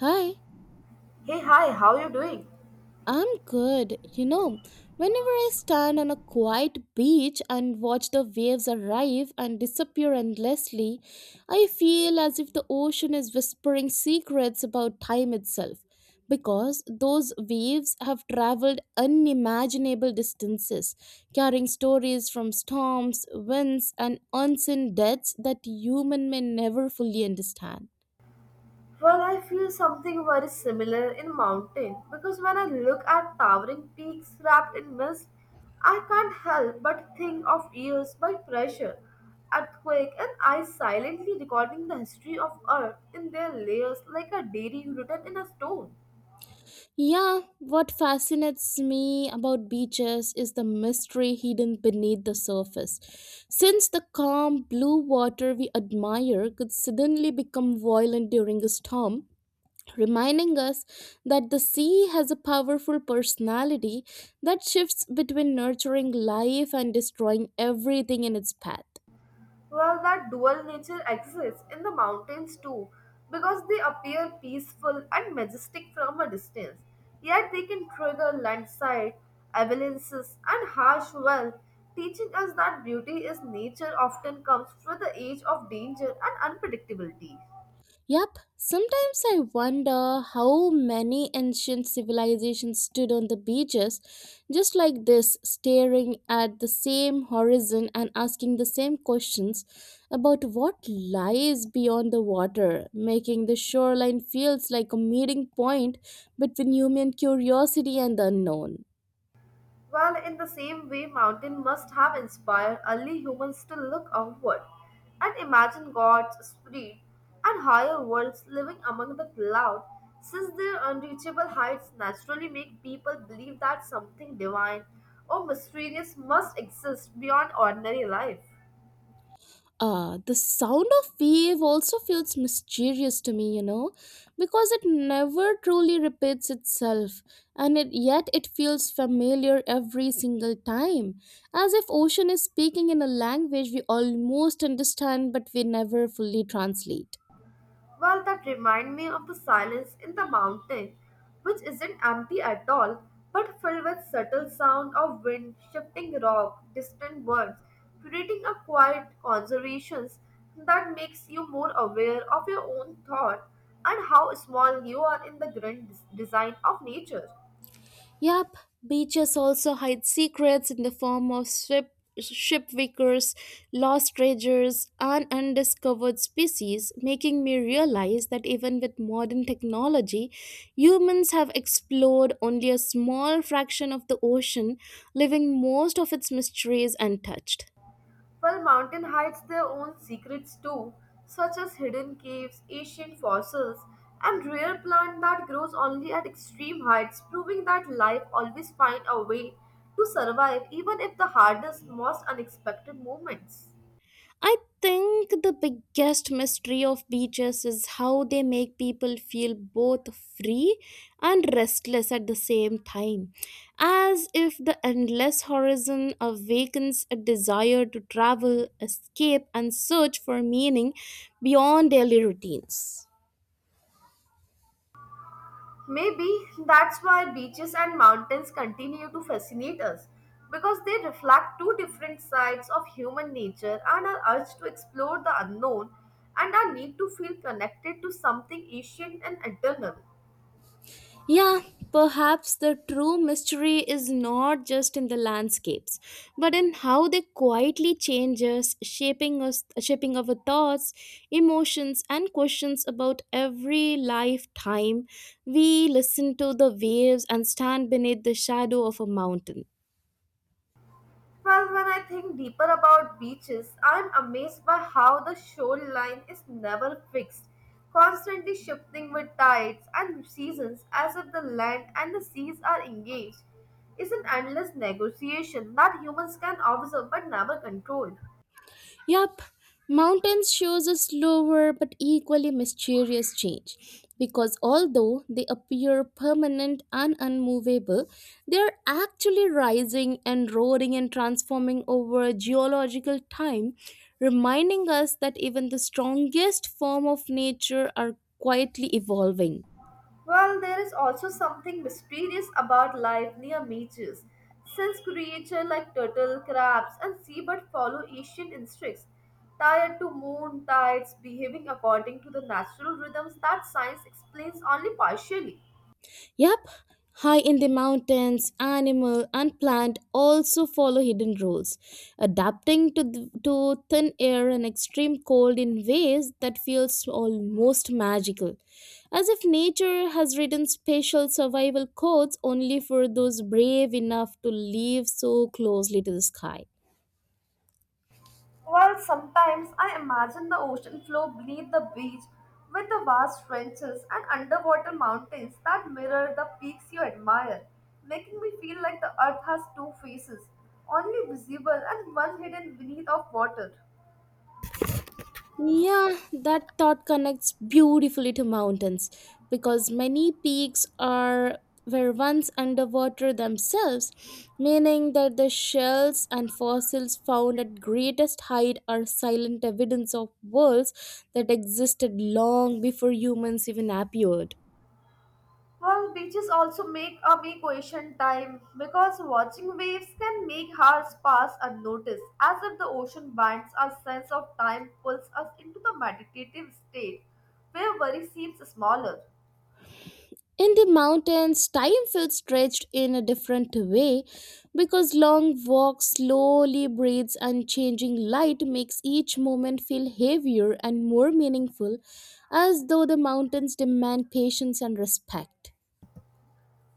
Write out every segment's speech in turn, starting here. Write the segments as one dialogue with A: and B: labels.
A: Hi,
B: Hey, hi, how you doing?
A: I'm good. You know, whenever I stand on a quiet beach and watch the waves arrive and disappear endlessly, I feel as if the ocean is whispering secrets about time itself. Because those waves have traveled unimaginable distances, carrying stories from storms, winds, and unseen deaths that human may never fully understand.
B: Well, I feel something very similar in mountain because when I look at towering peaks wrapped in mist, I can't help but think of years by pressure, earthquake, and ice silently recording the history of Earth in their layers like a diary written in a stone.
A: Yeah, what fascinates me about beaches is the mystery hidden beneath the surface. Since the calm blue water we admire could suddenly become violent during a storm, reminding us that the sea has a powerful personality that shifts between nurturing life and destroying everything in its path.
B: Well, that dual nature exists in the mountains too, because they appear peaceful and majestic from a distance, yet they can trigger landslide, avalanches, and harsh weather, teaching us that beauty is nature often comes with the age of danger and unpredictability.
A: Yep, sometimes I wonder how many ancient civilizations stood on the beaches just like this, staring at the same horizon and asking the same questions about what lies beyond the water, making the shoreline feels like a meeting point between human curiosity and the unknown.
B: Well, in the same way, mountain must have inspired early humans to look outward and imagine gods, spirit, and higher worlds living among the cloud, since their unreachable heights naturally make people believe that something divine or mysterious must exist beyond ordinary life.
A: The sound of wave also feels mysterious to me, because it never truly repeats itself, and yet it feels familiar every single time, as if ocean is speaking in a language we almost understand but we never fully translate.
B: Well, that remind me of the silence in the mountain, which isn't empty at all, but filled with subtle sound of wind, shifting rock, distant birds, creating a quiet conservation that makes you more aware of your own thought and how small you are in the grand design of nature.
A: Yep, beaches also hide secrets in the form of ship wickers, lost treasures, and undiscovered species, making me realize that even with modern technology, humans have explored only a small fraction of the ocean, leaving most of its mysteries untouched.
B: Well, mountain hides their own secrets too, such as hidden caves, ancient fossils, and rare plant that grows only at extreme heights, proving that life always finds a way to survive even if the hardest, most unexpected moments.
A: I think the biggest mystery of beaches is how they make people feel both free and restless at the same time, as if the endless horizon awakens a desire to travel, escape, and search for meaning beyond daily routines.
B: Maybe that's why beaches and mountains continue to fascinate us because they reflect two different sides of human nature and our urge to explore the unknown and our need to feel connected to something ancient and eternal.
A: Yeah, perhaps the true mystery is not just in the landscapes, but in how they quietly change us, shaping our thoughts, emotions, and questions about every lifetime. We listen to the waves and stand beneath the shadow of a mountain.
B: Well, when I think deeper about beaches, I'm amazed by how the shoreline is never fixed, constantly shifting with tides and seasons as if the land and the seas are engaged. It's an endless negotiation that humans can observe but never control.
A: Yup, mountains shows a slower but equally mysterious change because although they appear permanent and unmovable, they are actually rising and roaring and transforming over geological time, reminding us that even the strongest form of nature are quietly evolving.
B: Well, there is also something mysterious about life near beaches, since creatures like turtle, crabs, and seabird follow ancient instincts, tied to moon tides, behaving according to the natural rhythms that science explains only partially.
A: Yep, high in the mountains, animal and plant also follow hidden rules, to thin air and extreme cold in ways that feels almost magical, as if nature has written special survival codes only for those brave enough to live so closely to the sky.
B: While sometimes I imagine the ocean floor beneath the beach with the vast trenches and underwater mountains that mirror the peaks you admire, making me feel like the earth has two faces, only visible and one hidden beneath of water.
A: Yeah, that thought connects beautifully to mountains because many peaks are were once underwater themselves, meaning that the shells and fossils found at greatest height are silent evidence of worlds that existed long before humans even appeared.
B: Well, beaches also make a big ocean time because watching waves can make hours pass unnoticed, as if the ocean binds our sense of time, pulls us into the meditative state where worry seems smaller.
A: In the mountains, time felt stretched in a different way because long walks, slowly breathes, and changing light makes each moment feel heavier and more meaningful, as though the mountains demand patience and respect.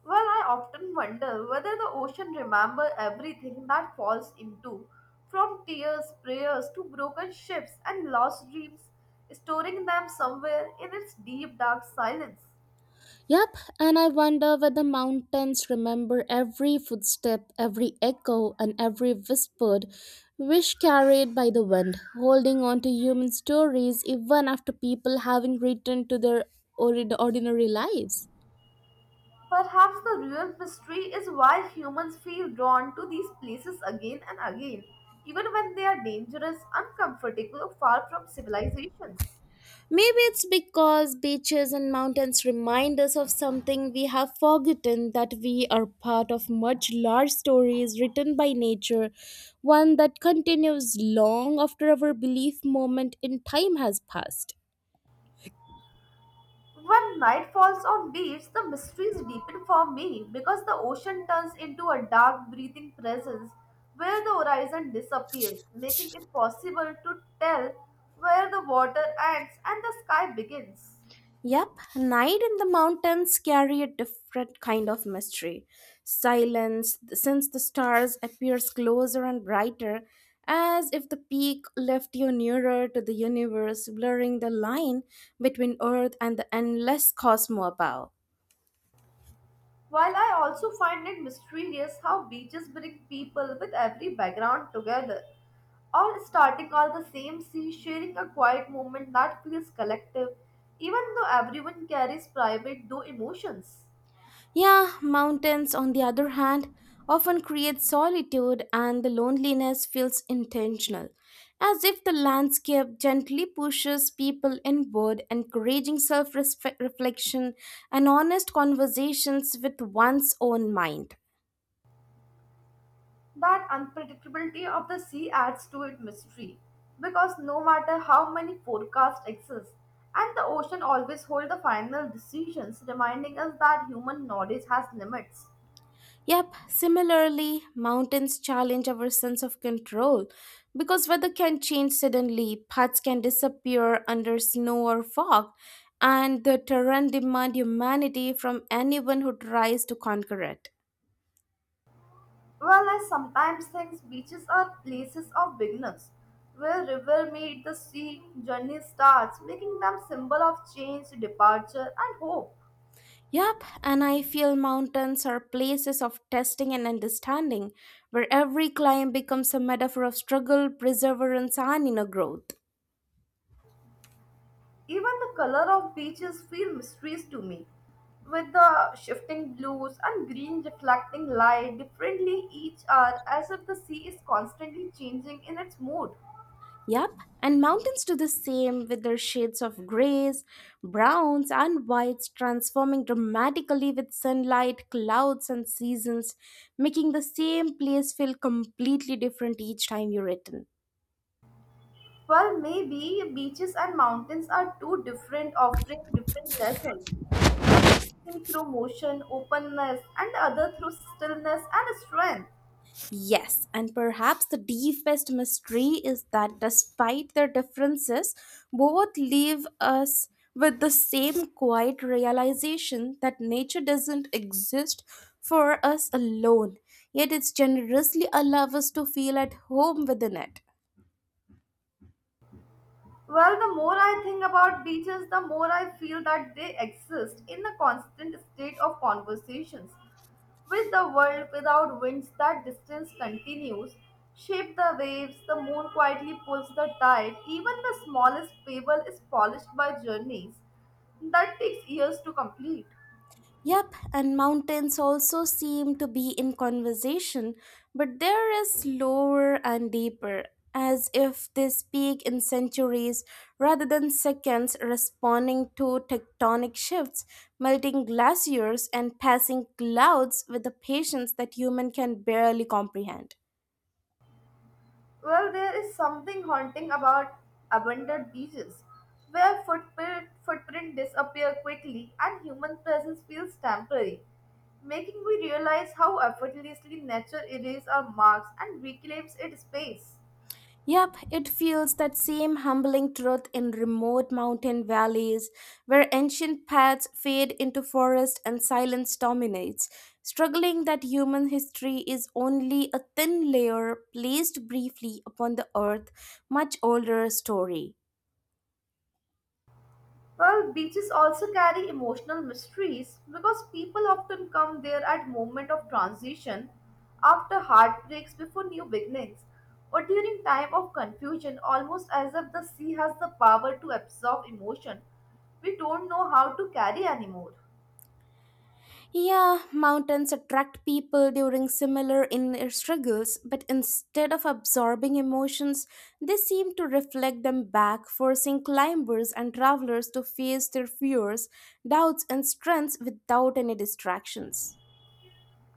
B: Well, I often wonder whether the ocean remembers everything that falls into, from tears, prayers to broken ships and lost dreams, storing them somewhere in its deep dark silence.
A: Yep, and I wonder whether mountains remember every footstep, every echo, and every whispered wish carried by the wind, holding on to human stories even after people having returned to their ordinary lives.
B: Perhaps the real mystery is why humans feel drawn to these places again and again, even when they are dangerous, uncomfortable, or far from civilizations.
A: Maybe it's because beaches and mountains remind us of something we have forgotten that we are part of much larger stories written by nature, one that continues long after our belief moment in time has passed.
B: When night falls on beach, the mysteries deepen for me because the ocean turns into a dark breathing presence where the horizon disappears, making it possible to tell where the water ends and the sky begins.
A: Yep, night in the mountains carry a different kind of mystery. Silence, since the stars appears closer and brighter, as if the peak left you nearer to the universe, blurring the line between Earth and the endless cosmos above.
B: While I also find it mysterious how beaches bring people with every background together, all starting all the same sea, sharing a quiet moment that feels collective, even though everyone carries private though emotions.
A: Yeah, mountains, on the other hand, often create solitude and the loneliness feels intentional, as if the landscape gently pushes people inward, encouraging self reflection and honest conversations with one's own mind.
B: That unpredictability of the sea adds to its mystery because no matter how many forecasts exist, and the ocean always holds the final decisions, reminding us that human knowledge has limits.
A: Yep, similarly, mountains challenge our sense of control because weather can change suddenly, paths can disappear under snow or fog, and the terrain demand humanity from anyone who tries to conquer it.
B: Well, I sometimes think beaches are places of beginners, where river meet the sea, journey starts, making them symbol of change, departure, and hope.
A: Yep, and I feel mountains are places of testing and understanding, where every climb becomes a metaphor of struggle, perseverance, and inner growth.
B: Even the color of beaches feel mysterious to me, with the shifting blues and green reflecting light differently each hour as if the sea is constantly changing in its mood.
A: Yep, and mountains do the same with their shades of grays, browns, and whites transforming dramatically with sunlight, clouds, and seasons, making the same place feel completely different each time you return.
B: Well, maybe beaches and mountains are two different, offering different lessons. One through motion, openness, and the other through stillness and strength.
A: Yes, and perhaps the deepest mystery is that despite their differences, both leave us with the same quiet realization that nature doesn't exist for us alone, yet it's generously allows us to feel at home within it.
B: Well, the more I think about beaches, the more I feel that they exist in a constant state of conversations with the world without winds. That distance continues, shape the waves, the moon quietly pulls the tide. Even the smallest pebble is polished by journeys that takes years to complete.
A: Yep, and mountains also seem to be in conversation, but there is lower and deeper, as if they speak in centuries rather than seconds, responding to tectonic shifts, melting glaciers, and passing clouds with a patience that human can barely comprehend.
B: Well, there is something haunting about abandoned beaches, where footprint disappear quickly and human presence feels temporary, making me realize how effortlessly nature erases our marks and reclaims its space.
A: Yep, it feels that same humbling truth in remote mountain valleys where ancient paths fade into forest and silence dominates, struggling that human history is only a thin layer placed briefly upon the earth much older story.
B: Well, beaches also carry emotional mysteries because people often come there at moment of transition, after heartbreaks, before new beginnings, or during time of confusion, almost as if the sea has the power to absorb emotion we don't know how to carry anymore.
A: Yeah, mountains attract people during similar inner struggles, but instead of absorbing emotions, they seem to reflect them back, forcing climbers and travelers to face their fears, doubts, and strengths without any distractions.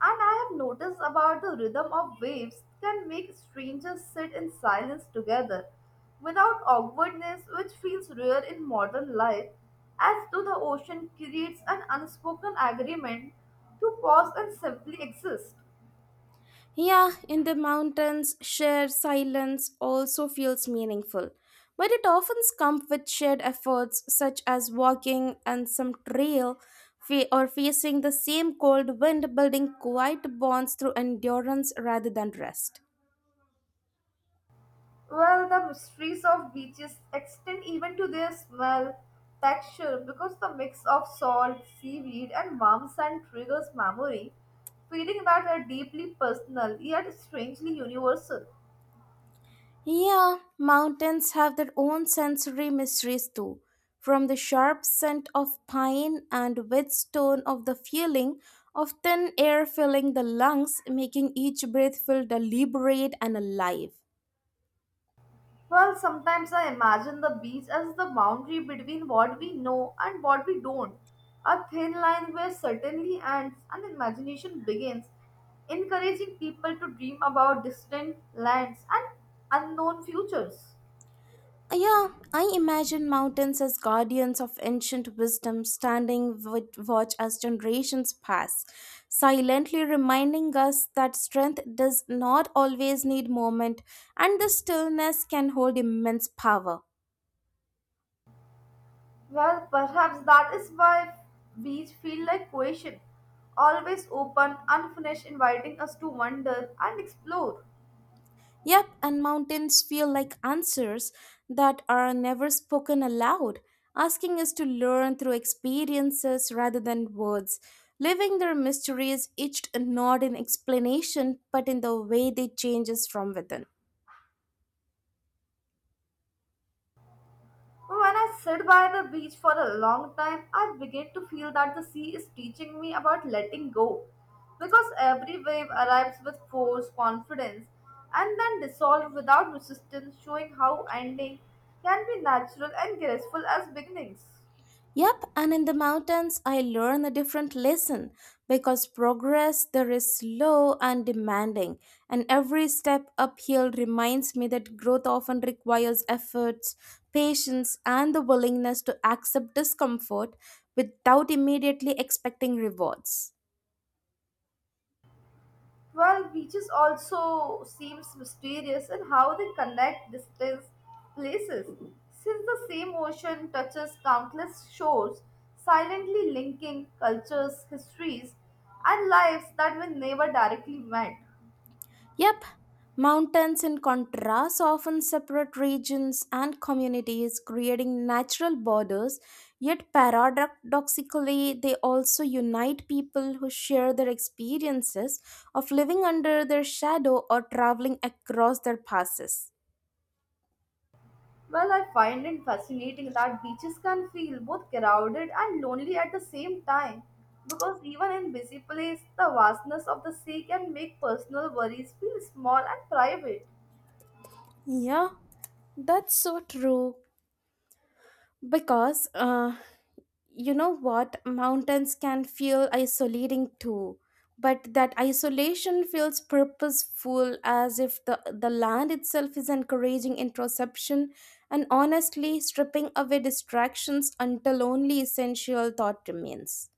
B: And I have noticed about the rhythm of waves can make strangers sit in silence together without awkwardness, which feels rare in modern life, as though the ocean creates an unspoken agreement to pause and simply exist.
A: Yeah, in the mountains, shared silence also feels meaningful. But it often comes with shared efforts such as walking and some or facing the same cold wind, building quiet bonds through endurance rather than rest.
B: Well, the mysteries of beaches extend even to their smell, texture, because the mix of salt, seaweed, and warm sand triggers memory, feeling that are deeply personal yet strangely universal.
A: Yeah, mountains have their own sensory mysteries too. From the sharp scent of pine and whetstone of the feeling of thin air filling the lungs, making each breath feel deliberate and alive.
B: Well, sometimes I imagine the beach as the boundary between what we know and what we don't. A thin line where certainty ends and imagination begins, encouraging people to dream about distant lands and unknown futures.
A: Yeah, I imagine mountains as guardians of ancient wisdom standing with watch as generations pass, silently reminding us that strength does not always need movement and the stillness can hold immense power.
B: Well, perhaps that is why beach feel like question, always open, unfinished, inviting us to wonder and explore.
A: Yep, and mountains feel like answers that are never spoken aloud, asking us to learn through experiences rather than words. Living their mysteries, each not in explanation, but in the way they change us from within.
B: When I sit by the beach for a long time, I begin to feel that the sea is teaching me about letting go. Because every wave arrives with force, confidence, and then dissolves without resistance, showing how ending can be natural and graceful as beginnings.
A: Yep, and in the mountains, I learn a different lesson because progress there is slow and demanding, and every step uphill reminds me that growth often requires efforts, patience, and the willingness to accept discomfort without immediately expecting rewards.
B: Well, beaches also seems mysterious in how they connect distant places. Since the same ocean touches countless shores, silently linking cultures, histories, and lives that were never directly met.
A: Yep, mountains in contrast often separate regions and communities, creating natural borders, yet paradoxically, they also unite people who share their experiences of living under their shadow or traveling across their passes.
B: Well, I find it fascinating that beaches can feel both crowded and lonely at the same time, because even in busy places, the vastness of the sea can make personal worries feel small and private.
A: Yeah, that's so true. Because what mountains can feel isolating too but that isolation feels purposeful as if the land itself is encouraging introspection and honestly stripping away distractions until only essential thought remains.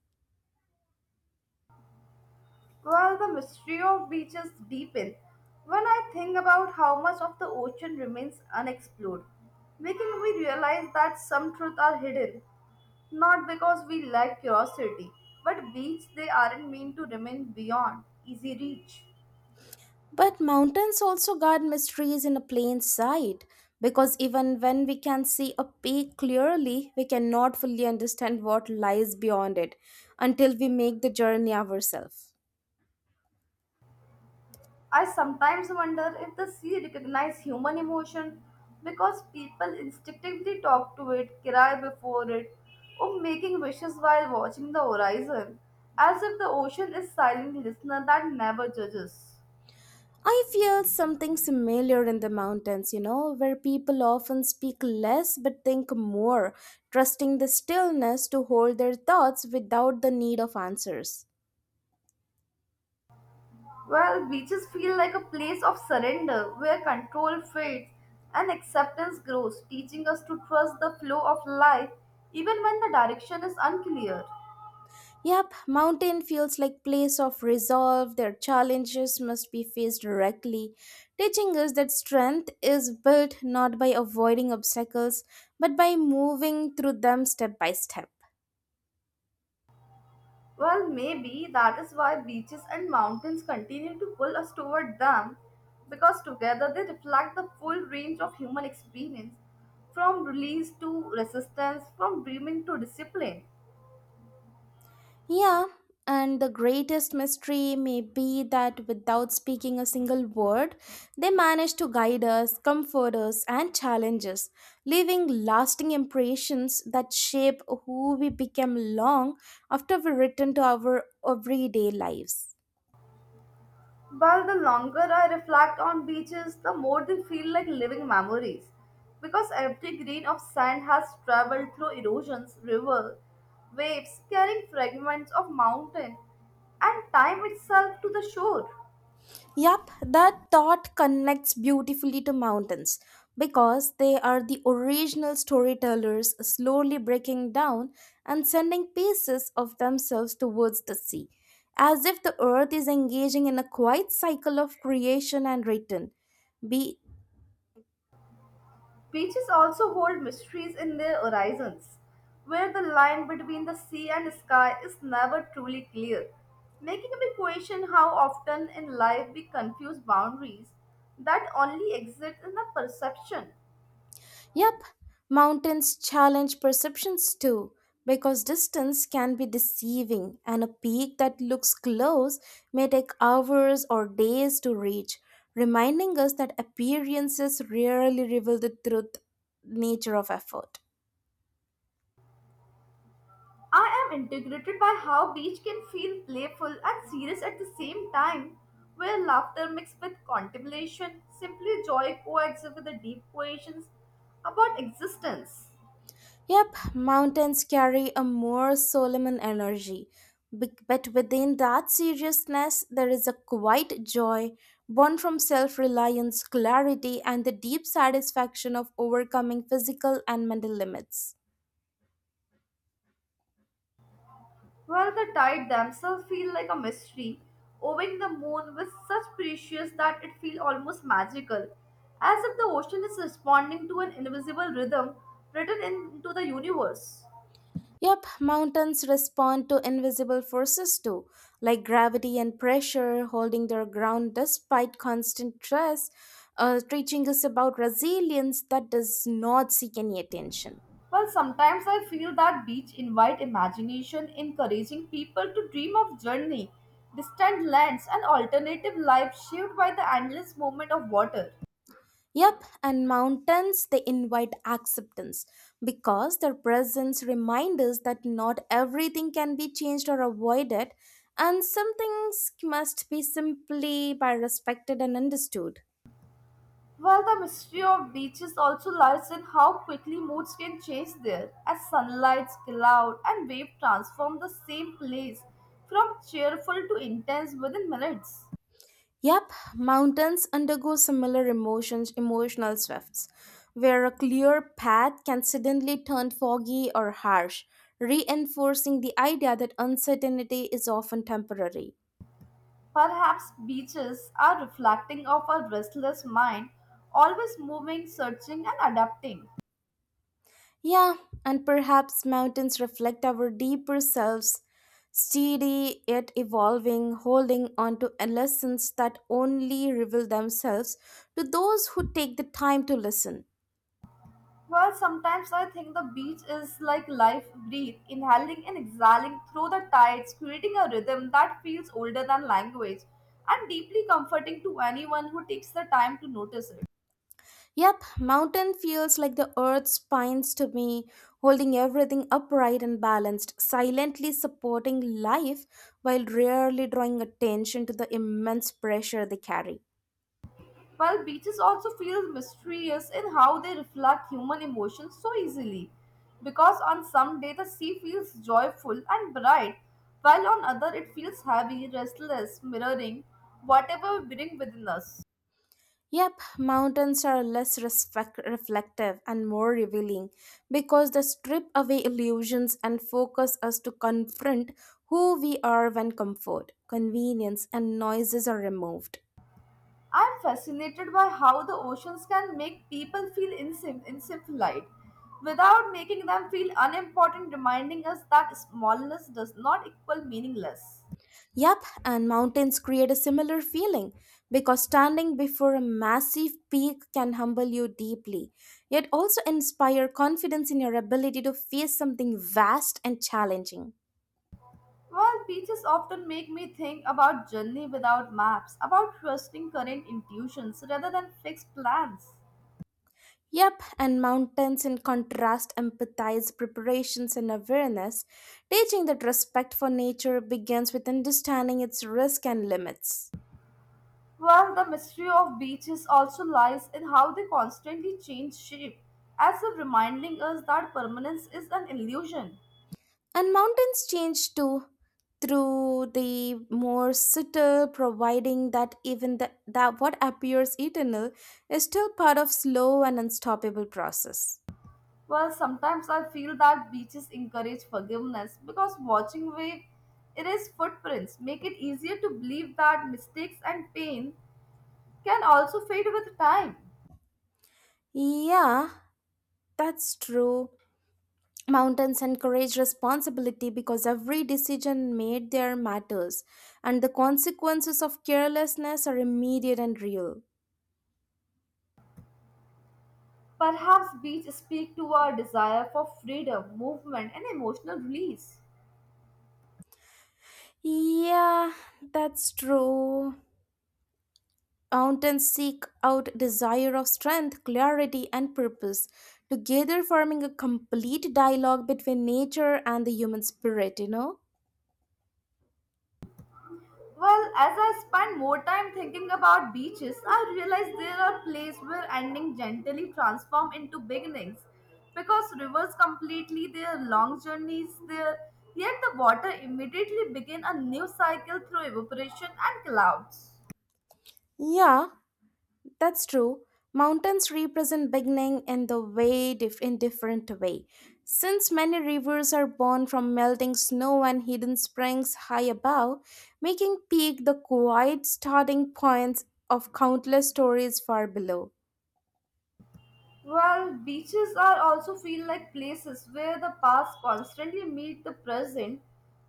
B: Well, the mystery of beaches deepen when I think about how much of the ocean remains unexplored, making me realize that some truths are hidden, not because we lack curiosity, but beings they aren't meant to remain beyond easy reach.
A: But mountains also guard mysteries in a plain sight, because even when we can see a peak clearly, we cannot fully understand what lies beyond it until we make the journey ourselves.
B: I sometimes wonder if the sea recognizes human emotion because people instinctively talk to it, cry before it, or making wishes while watching the horizon, as if the ocean is silent listener that never judges.
A: I feel something similar in the mountains, you know, where people often speak less but think more, trusting the stillness to hold their thoughts without the need of answers.
B: Well, beaches feel like a place of surrender where control fades and acceptance grows, teaching us to trust the flow of life even when the direction is unclear.
A: Yep, mountain feels like place of resolve. Their challenges must be faced directly, teaching us that strength is built not by avoiding obstacles, but by moving through them step by step.
B: Well, maybe that is why beaches and mountains continue to pull us toward them because together they reflect the full range of human experience from release to resistance, from dreaming to discipline.
A: Yeah, and the greatest mystery may be that without speaking a single word, they manage to guide us, comfort us, and challenge us, leaving lasting impressions that shape who we become long after we return to our everyday lives.
B: Well, the longer I reflect on beaches, the more they feel like living memories because every grain of sand has traveled through erosions, river, waves, carrying fragments of mountain and time itself to the shore.
A: Yup, that thought connects beautifully to mountains because they are the original storytellers slowly breaking down and sending pieces of themselves towards the sea, as if the earth is engaging in a quiet cycle of creation and return. Be
B: Beaches also hold mysteries in their horizons, where the line between the sea and sky is never truly clear, making me question how often in life we confuse boundaries that only exist in the perception.
A: Yep, mountains challenge perceptions too, because distance can be deceiving, and a peak that looks close may take hours or days to reach, reminding us that appearances rarely reveal the truth nature of effort.
B: I am integrated by how beach can feel playful and serious at the same time, where laughter mixed with contemplation, simply joy coexists with the deep questions about existence.
A: Yep, mountains carry a more solemn energy, but within that seriousness, there is a quiet joy born from self reliance, clarity, and the deep satisfaction of overcoming physical and mental limits.
B: Well, the tide themselves feel like a mystery, owing the moon with such precious that it feels almost magical, as if the ocean is responding to an invisible rhythm written into the universe.
A: Yep, mountains respond to invisible forces too, like gravity and pressure, holding their ground despite constant stress, teaching us about resilience that does not seek any attention.
B: Well, sometimes I feel that beach invite imagination, encouraging people to dream of journey, distant lands, and alternative lives shaped by the endless movement of water.
A: Yep, and mountains they invite acceptance because their presence reminds us that not everything can be changed or avoided, and some things must be simply by respected and understood.
B: Well, the mystery of beaches also lies in how quickly moods can change there, as sunlight, cloud, and wave transform the same place from cheerful to intense within minutes.
A: Yep, mountains undergo emotional swifts, where a clear path can suddenly turn foggy or harsh, reinforcing the idea that uncertainty is often temporary.
B: Perhaps beaches are reflecting of our restless mind, always moving, searching, and adapting.
A: Yeah, and perhaps mountains reflect our deeper selves, steady yet evolving, holding on to lessons that only reveal themselves to those who take the time to listen.
B: Well, sometimes I think the beach is like life breathe, inhaling and exhaling through the tides, creating a rhythm that feels older than language and deeply comforting to anyone who takes the time to notice it.
A: Yep, mountain feels like the earth's spines to me, holding everything upright and balanced, silently supporting life while rarely drawing attention to the immense pressure they carry.
B: Well, beaches also feel mysterious in how they reflect human emotions so easily, because on some day the sea feels joyful and bright, while on other it feels heavy, restless, mirroring whatever we bring within us.
A: Yep, mountains are less reflective and more revealing because they strip away illusions and focus us to confront who we are when comfort, convenience, and noises are removed.
B: I'm fascinated by how the oceans can make people feel insignificant without making them feel unimportant, reminding us that smallness does not equal meaningless.
A: Yep, and mountains create a similar feeling because standing before a massive peak can humble you deeply, yet also inspire confidence in your ability to face something vast and challenging.
B: Well, beaches often make me think about journey without maps, about trusting current intuitions rather than fixed plans.
A: Yep, and mountains in contrast empathize preparations and awareness. Teaching that respect for nature begins with understanding its risk and limits.
B: Well, the mystery of beaches also lies in how they constantly change shape, as if reminding us that permanence is an illusion.
A: And mountains change too through the more subtle, providing that that what appears eternal is still part of slow and unstoppable process.
B: Well, sometimes I feel that beaches encourage forgiveness because watching wave erase footprints make it easier to believe that mistakes and pain can also fade with time.
A: Yeah, that's true. Mountains encourage responsibility because every decision made there matters, and the consequences of carelessness are immediate and real.
B: Perhaps beaches speak to our desire for freedom, movement, and emotional release.
A: Yeah, that's true. Mountains seek out desire of strength, clarity, and purpose, together forming a complete dialogue between nature and the human spirit, you know?
B: Well, as I spend more time thinking about beaches, I realize there are places where endings gently transform into beginnings. Because rivers completely their long journeys there, yet the water immediately begin a new cycle through evaporation and clouds.
A: Yeah, that's true. Mountains represent beginning in the way in different way. Since many rivers are born from melting snow and hidden springs high above, making peak the quiet starting points of countless stories far below.
B: Well, beaches are also feel like places where the past constantly meet the present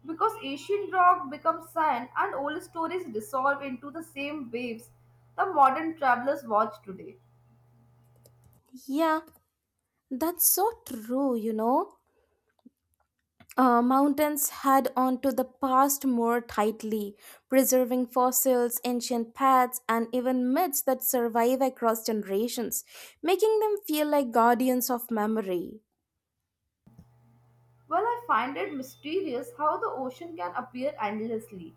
B: because ancient rock becomes sand and old stories dissolve into the same waves the modern travelers watch today.
A: Yeah, that's so true, you know. Mountains held onto the past more tightly, preserving fossils, ancient paths, and even myths that survive across generations, making them feel like guardians of memory.
B: Well, I find it mysterious how the ocean can appear endlessly.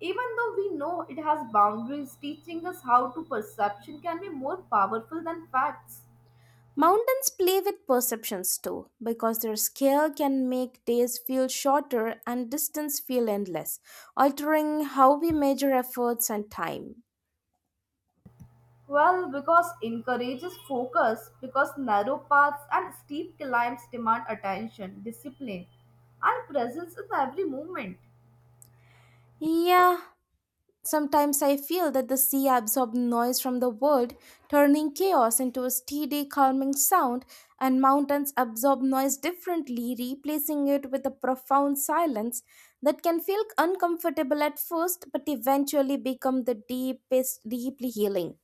B: Even though we know it has boundaries, teaching us how to perception can be more powerful than facts.
A: Mountains play with perceptions too, because their scale can make days feel shorter and distance feel endless, altering how we measure efforts and time.
B: Well, because encourages focus, because narrow paths and steep climbs demand attention, discipline, and presence in every movement.
A: Yeah, sometimes I feel that the sea absorbs noise from the world, turning chaos into a steady, calming sound, and mountains absorb noise differently, replacing it with a profound silence that can feel uncomfortable at first but eventually become the deepest, deeply healing.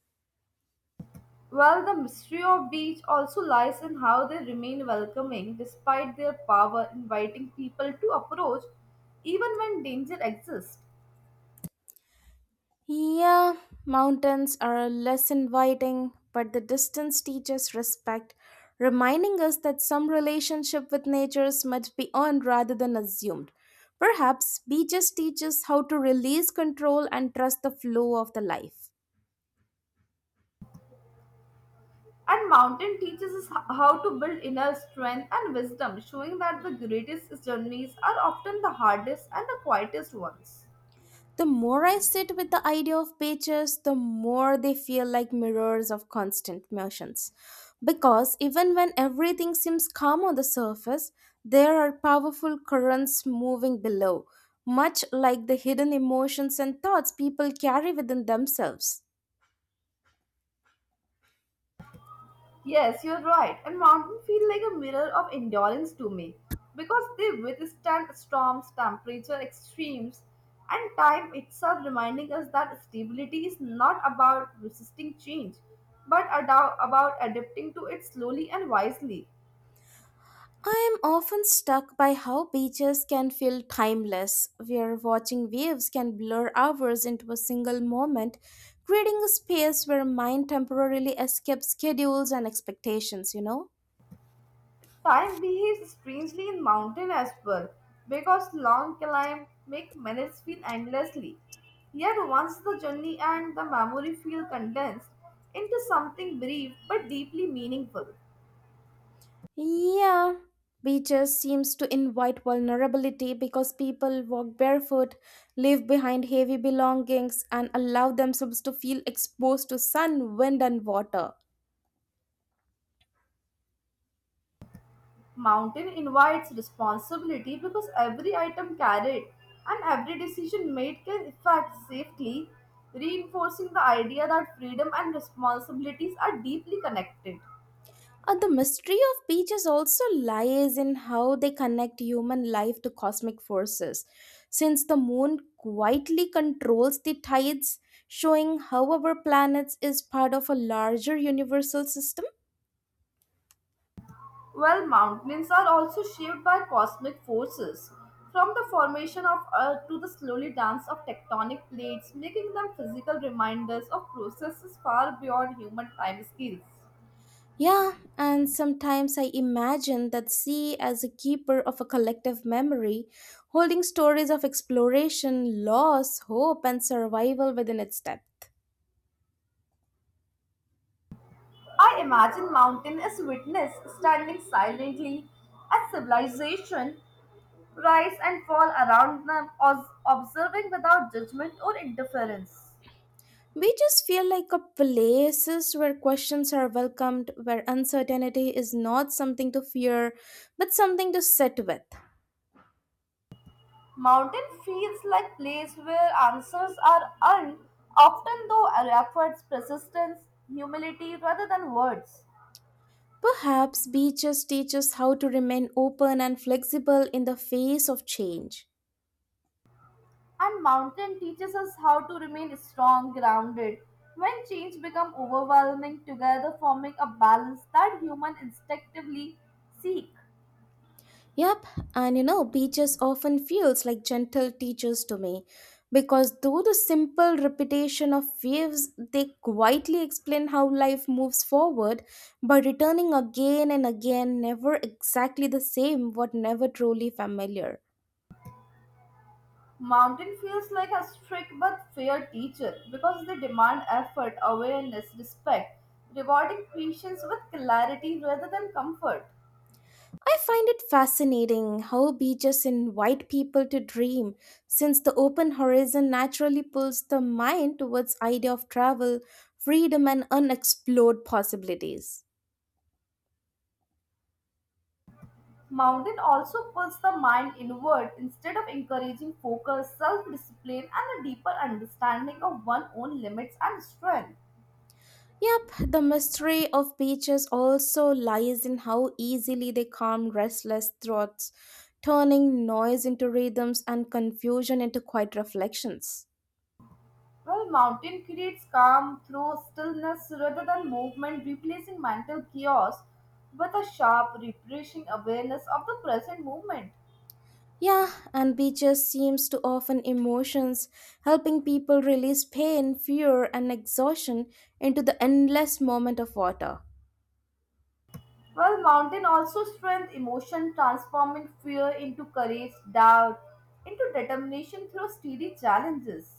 B: Well, the mystery of beach also lies in how they remain welcoming despite their power, inviting people to approach even when danger exists.
A: Yeah, mountains are less inviting, but the distance teaches respect, reminding us that some relationship with nature must be earned rather than assumed. Perhaps beaches teach us how to release control and trust the flow of the life.
B: And mountain teaches us how to build inner strength and wisdom, showing that the greatest journeys are often the hardest and the quietest ones.
A: The more I sit with the idea of pages, the more they feel like mirrors of constant motions. Because even when everything seems calm on the surface, there are powerful currents moving below, much like the hidden emotions and thoughts people carry within themselves.
B: Yes, you're right. And mountains feel like a mirror of endurance to me because they withstand storms, temperature extremes, and time itself, reminding us that stability is not about resisting change but about adapting to it slowly and wisely.
A: I am often struck by how beaches can feel timeless, where watching waves can blur hours into a single moment, creating a space where mind temporarily escapes schedules and expectations, you know?
B: Time behaves strangely in mountain as well, because long climb make minutes feel endlessly. Yet once the journey and the memory feel condensed into something brief but deeply meaningful.
A: Yeah. Beaches seems to invite vulnerability because people walk barefoot, leave behind heavy belongings and allow themselves to feel exposed to sun, wind and water.
B: Mountain invites responsibility because every item carried and every decision made can affect safely, reinforcing the idea that freedom and responsibilities are deeply connected.
A: The mystery of beaches also lies in how they connect human life to cosmic forces. Since the moon quietly controls the tides, showing how our planet is part of a larger universal system.
B: Well, mountains are also shaped by cosmic forces, from the formation of Earth to the slowly dance of tectonic plates, making them physical reminders of processes far beyond human time scales.
A: Yeah, and sometimes I imagine that sea as a keeper of a collective memory, holding stories of exploration, loss, hope, and survival within its depth.
B: I imagine mountain as witness standing silently as civilization rise and fall around them, observing without judgment or interference.
A: Beaches feel like a places where questions are welcomed, where uncertainty is not something to fear, but something to sit with.
B: Mountain feels like place where answers are earned, often though efforts, persistence, humility rather than words.
A: Perhaps beaches teach us how to remain open and flexible in the face of change.
B: And mountain teaches us how to remain strong, grounded. When change become overwhelming, together forming a balance that human instinctively seek.
A: Yep, and you know, beaches often feels like gentle teachers to me because through the simple repetition of waves, they quietly explain how life moves forward by returning again and again, never exactly the same, but never truly familiar.
B: Mountain feels like a strict but fair teacher because they demand effort, awareness, respect, rewarding patience with clarity rather than comfort.
A: I find it fascinating how beaches invite people to dream since the open horizon naturally pulls the mind towards idea of travel, freedom and unexplored possibilities.
B: Mountain also pulls the mind inward instead of encouraging focus, self discipline, and a deeper understanding of one's own limits and strength.
A: Yep, the mystery of beaches also lies in how easily they calm restless thoughts, turning noise into rhythms and confusion into quiet reflections.
B: While mountain creates calm through stillness rather than movement, replacing mental chaos with a sharp, refreshing awareness of the present moment.
A: Yeah, and beaches seems to often emotions, helping people release pain, fear, and exhaustion into the endless moment of water.
B: While mountain also strengthens emotion, transforming fear into courage, doubt, into determination through steady challenges.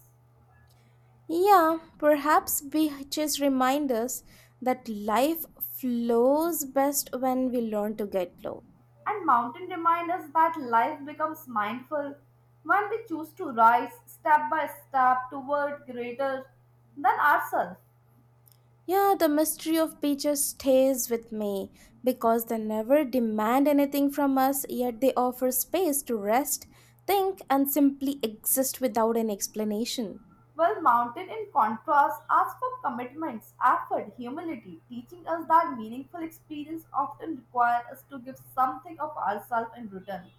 A: Yeah, perhaps beaches remind us that life flows best when we learn to get low.
B: And mountain remind us that life becomes mindful when we choose to rise step by step toward greater than ourselves.
A: Yeah, the mystery of beaches stays with me because they never demand anything from us, yet they offer space to rest, think, and simply exist without an explanation.
B: While mountain, in contrast, asks for commitments, effort, humility, teaching us that meaningful experience often require us to give something of ourselves in return.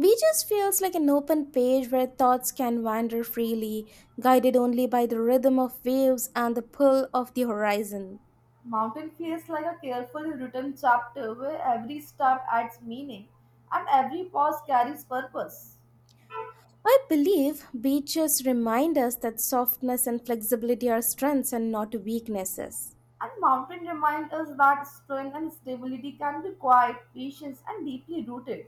A: Beaches feels like an open page where thoughts can wander freely, guided only by the rhythm of waves and the pull of the horizon.
B: Mountain feels like a carefully written chapter where every step adds meaning and every pause carries purpose.
A: I believe beaches remind us that softness and flexibility are strengths and not weaknesses.
B: And mountain remind us that strength and stability can be quiet, patient, and deeply rooted.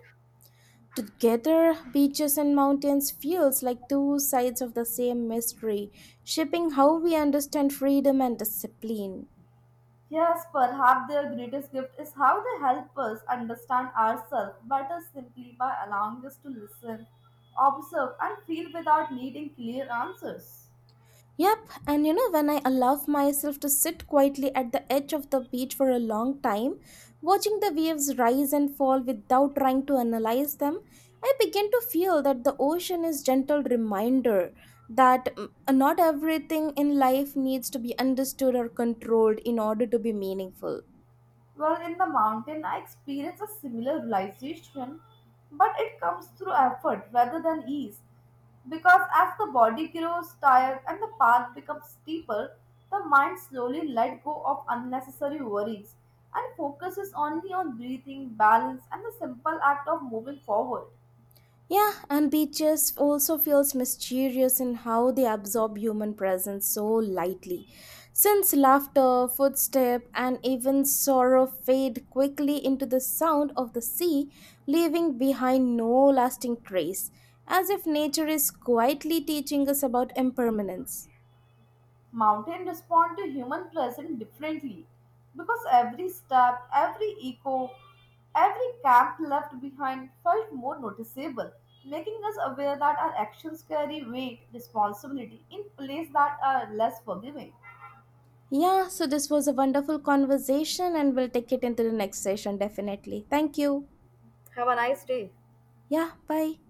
A: Together, beaches and mountains feels like two sides of the same mystery, shaping how we understand freedom and discipline.
B: Yes, perhaps their greatest gift is how they help us understand ourselves better simply by allowing us to listen, observe, and feel without needing clear answers.
A: Yep, and you know when I allow myself to sit quietly at the edge of the beach for a long time, watching the waves rise and fall without trying to analyze them, I begin to feel that the ocean is gentle reminder that not everything in life needs to be understood or controlled in order to be meaningful.
B: Well, in the mountain, I experienced a similar realization, but it comes through effort rather than ease. Because as the body grows tired and the path becomes steeper, the mind slowly let go of unnecessary worries and focuses only on breathing, balance, and the simple act of moving forward.
A: Yeah, and beaches also feels mysterious in how they absorb human presence so lightly. Since laughter, footstep, and even sorrow fade quickly into the sound of the sea, leaving behind no lasting trace, as if nature is quietly teaching us about impermanence.
B: Mountains respond to human presence differently because every step, every echo, every camp left behind felt more noticeable, making us aware that our actions carry weight, responsibility in places that are less forgiving.
A: Yeah, so this was a wonderful conversation, and we'll take it into the next session definitely. Thank you.
B: Have a nice day.
A: Yeah, bye.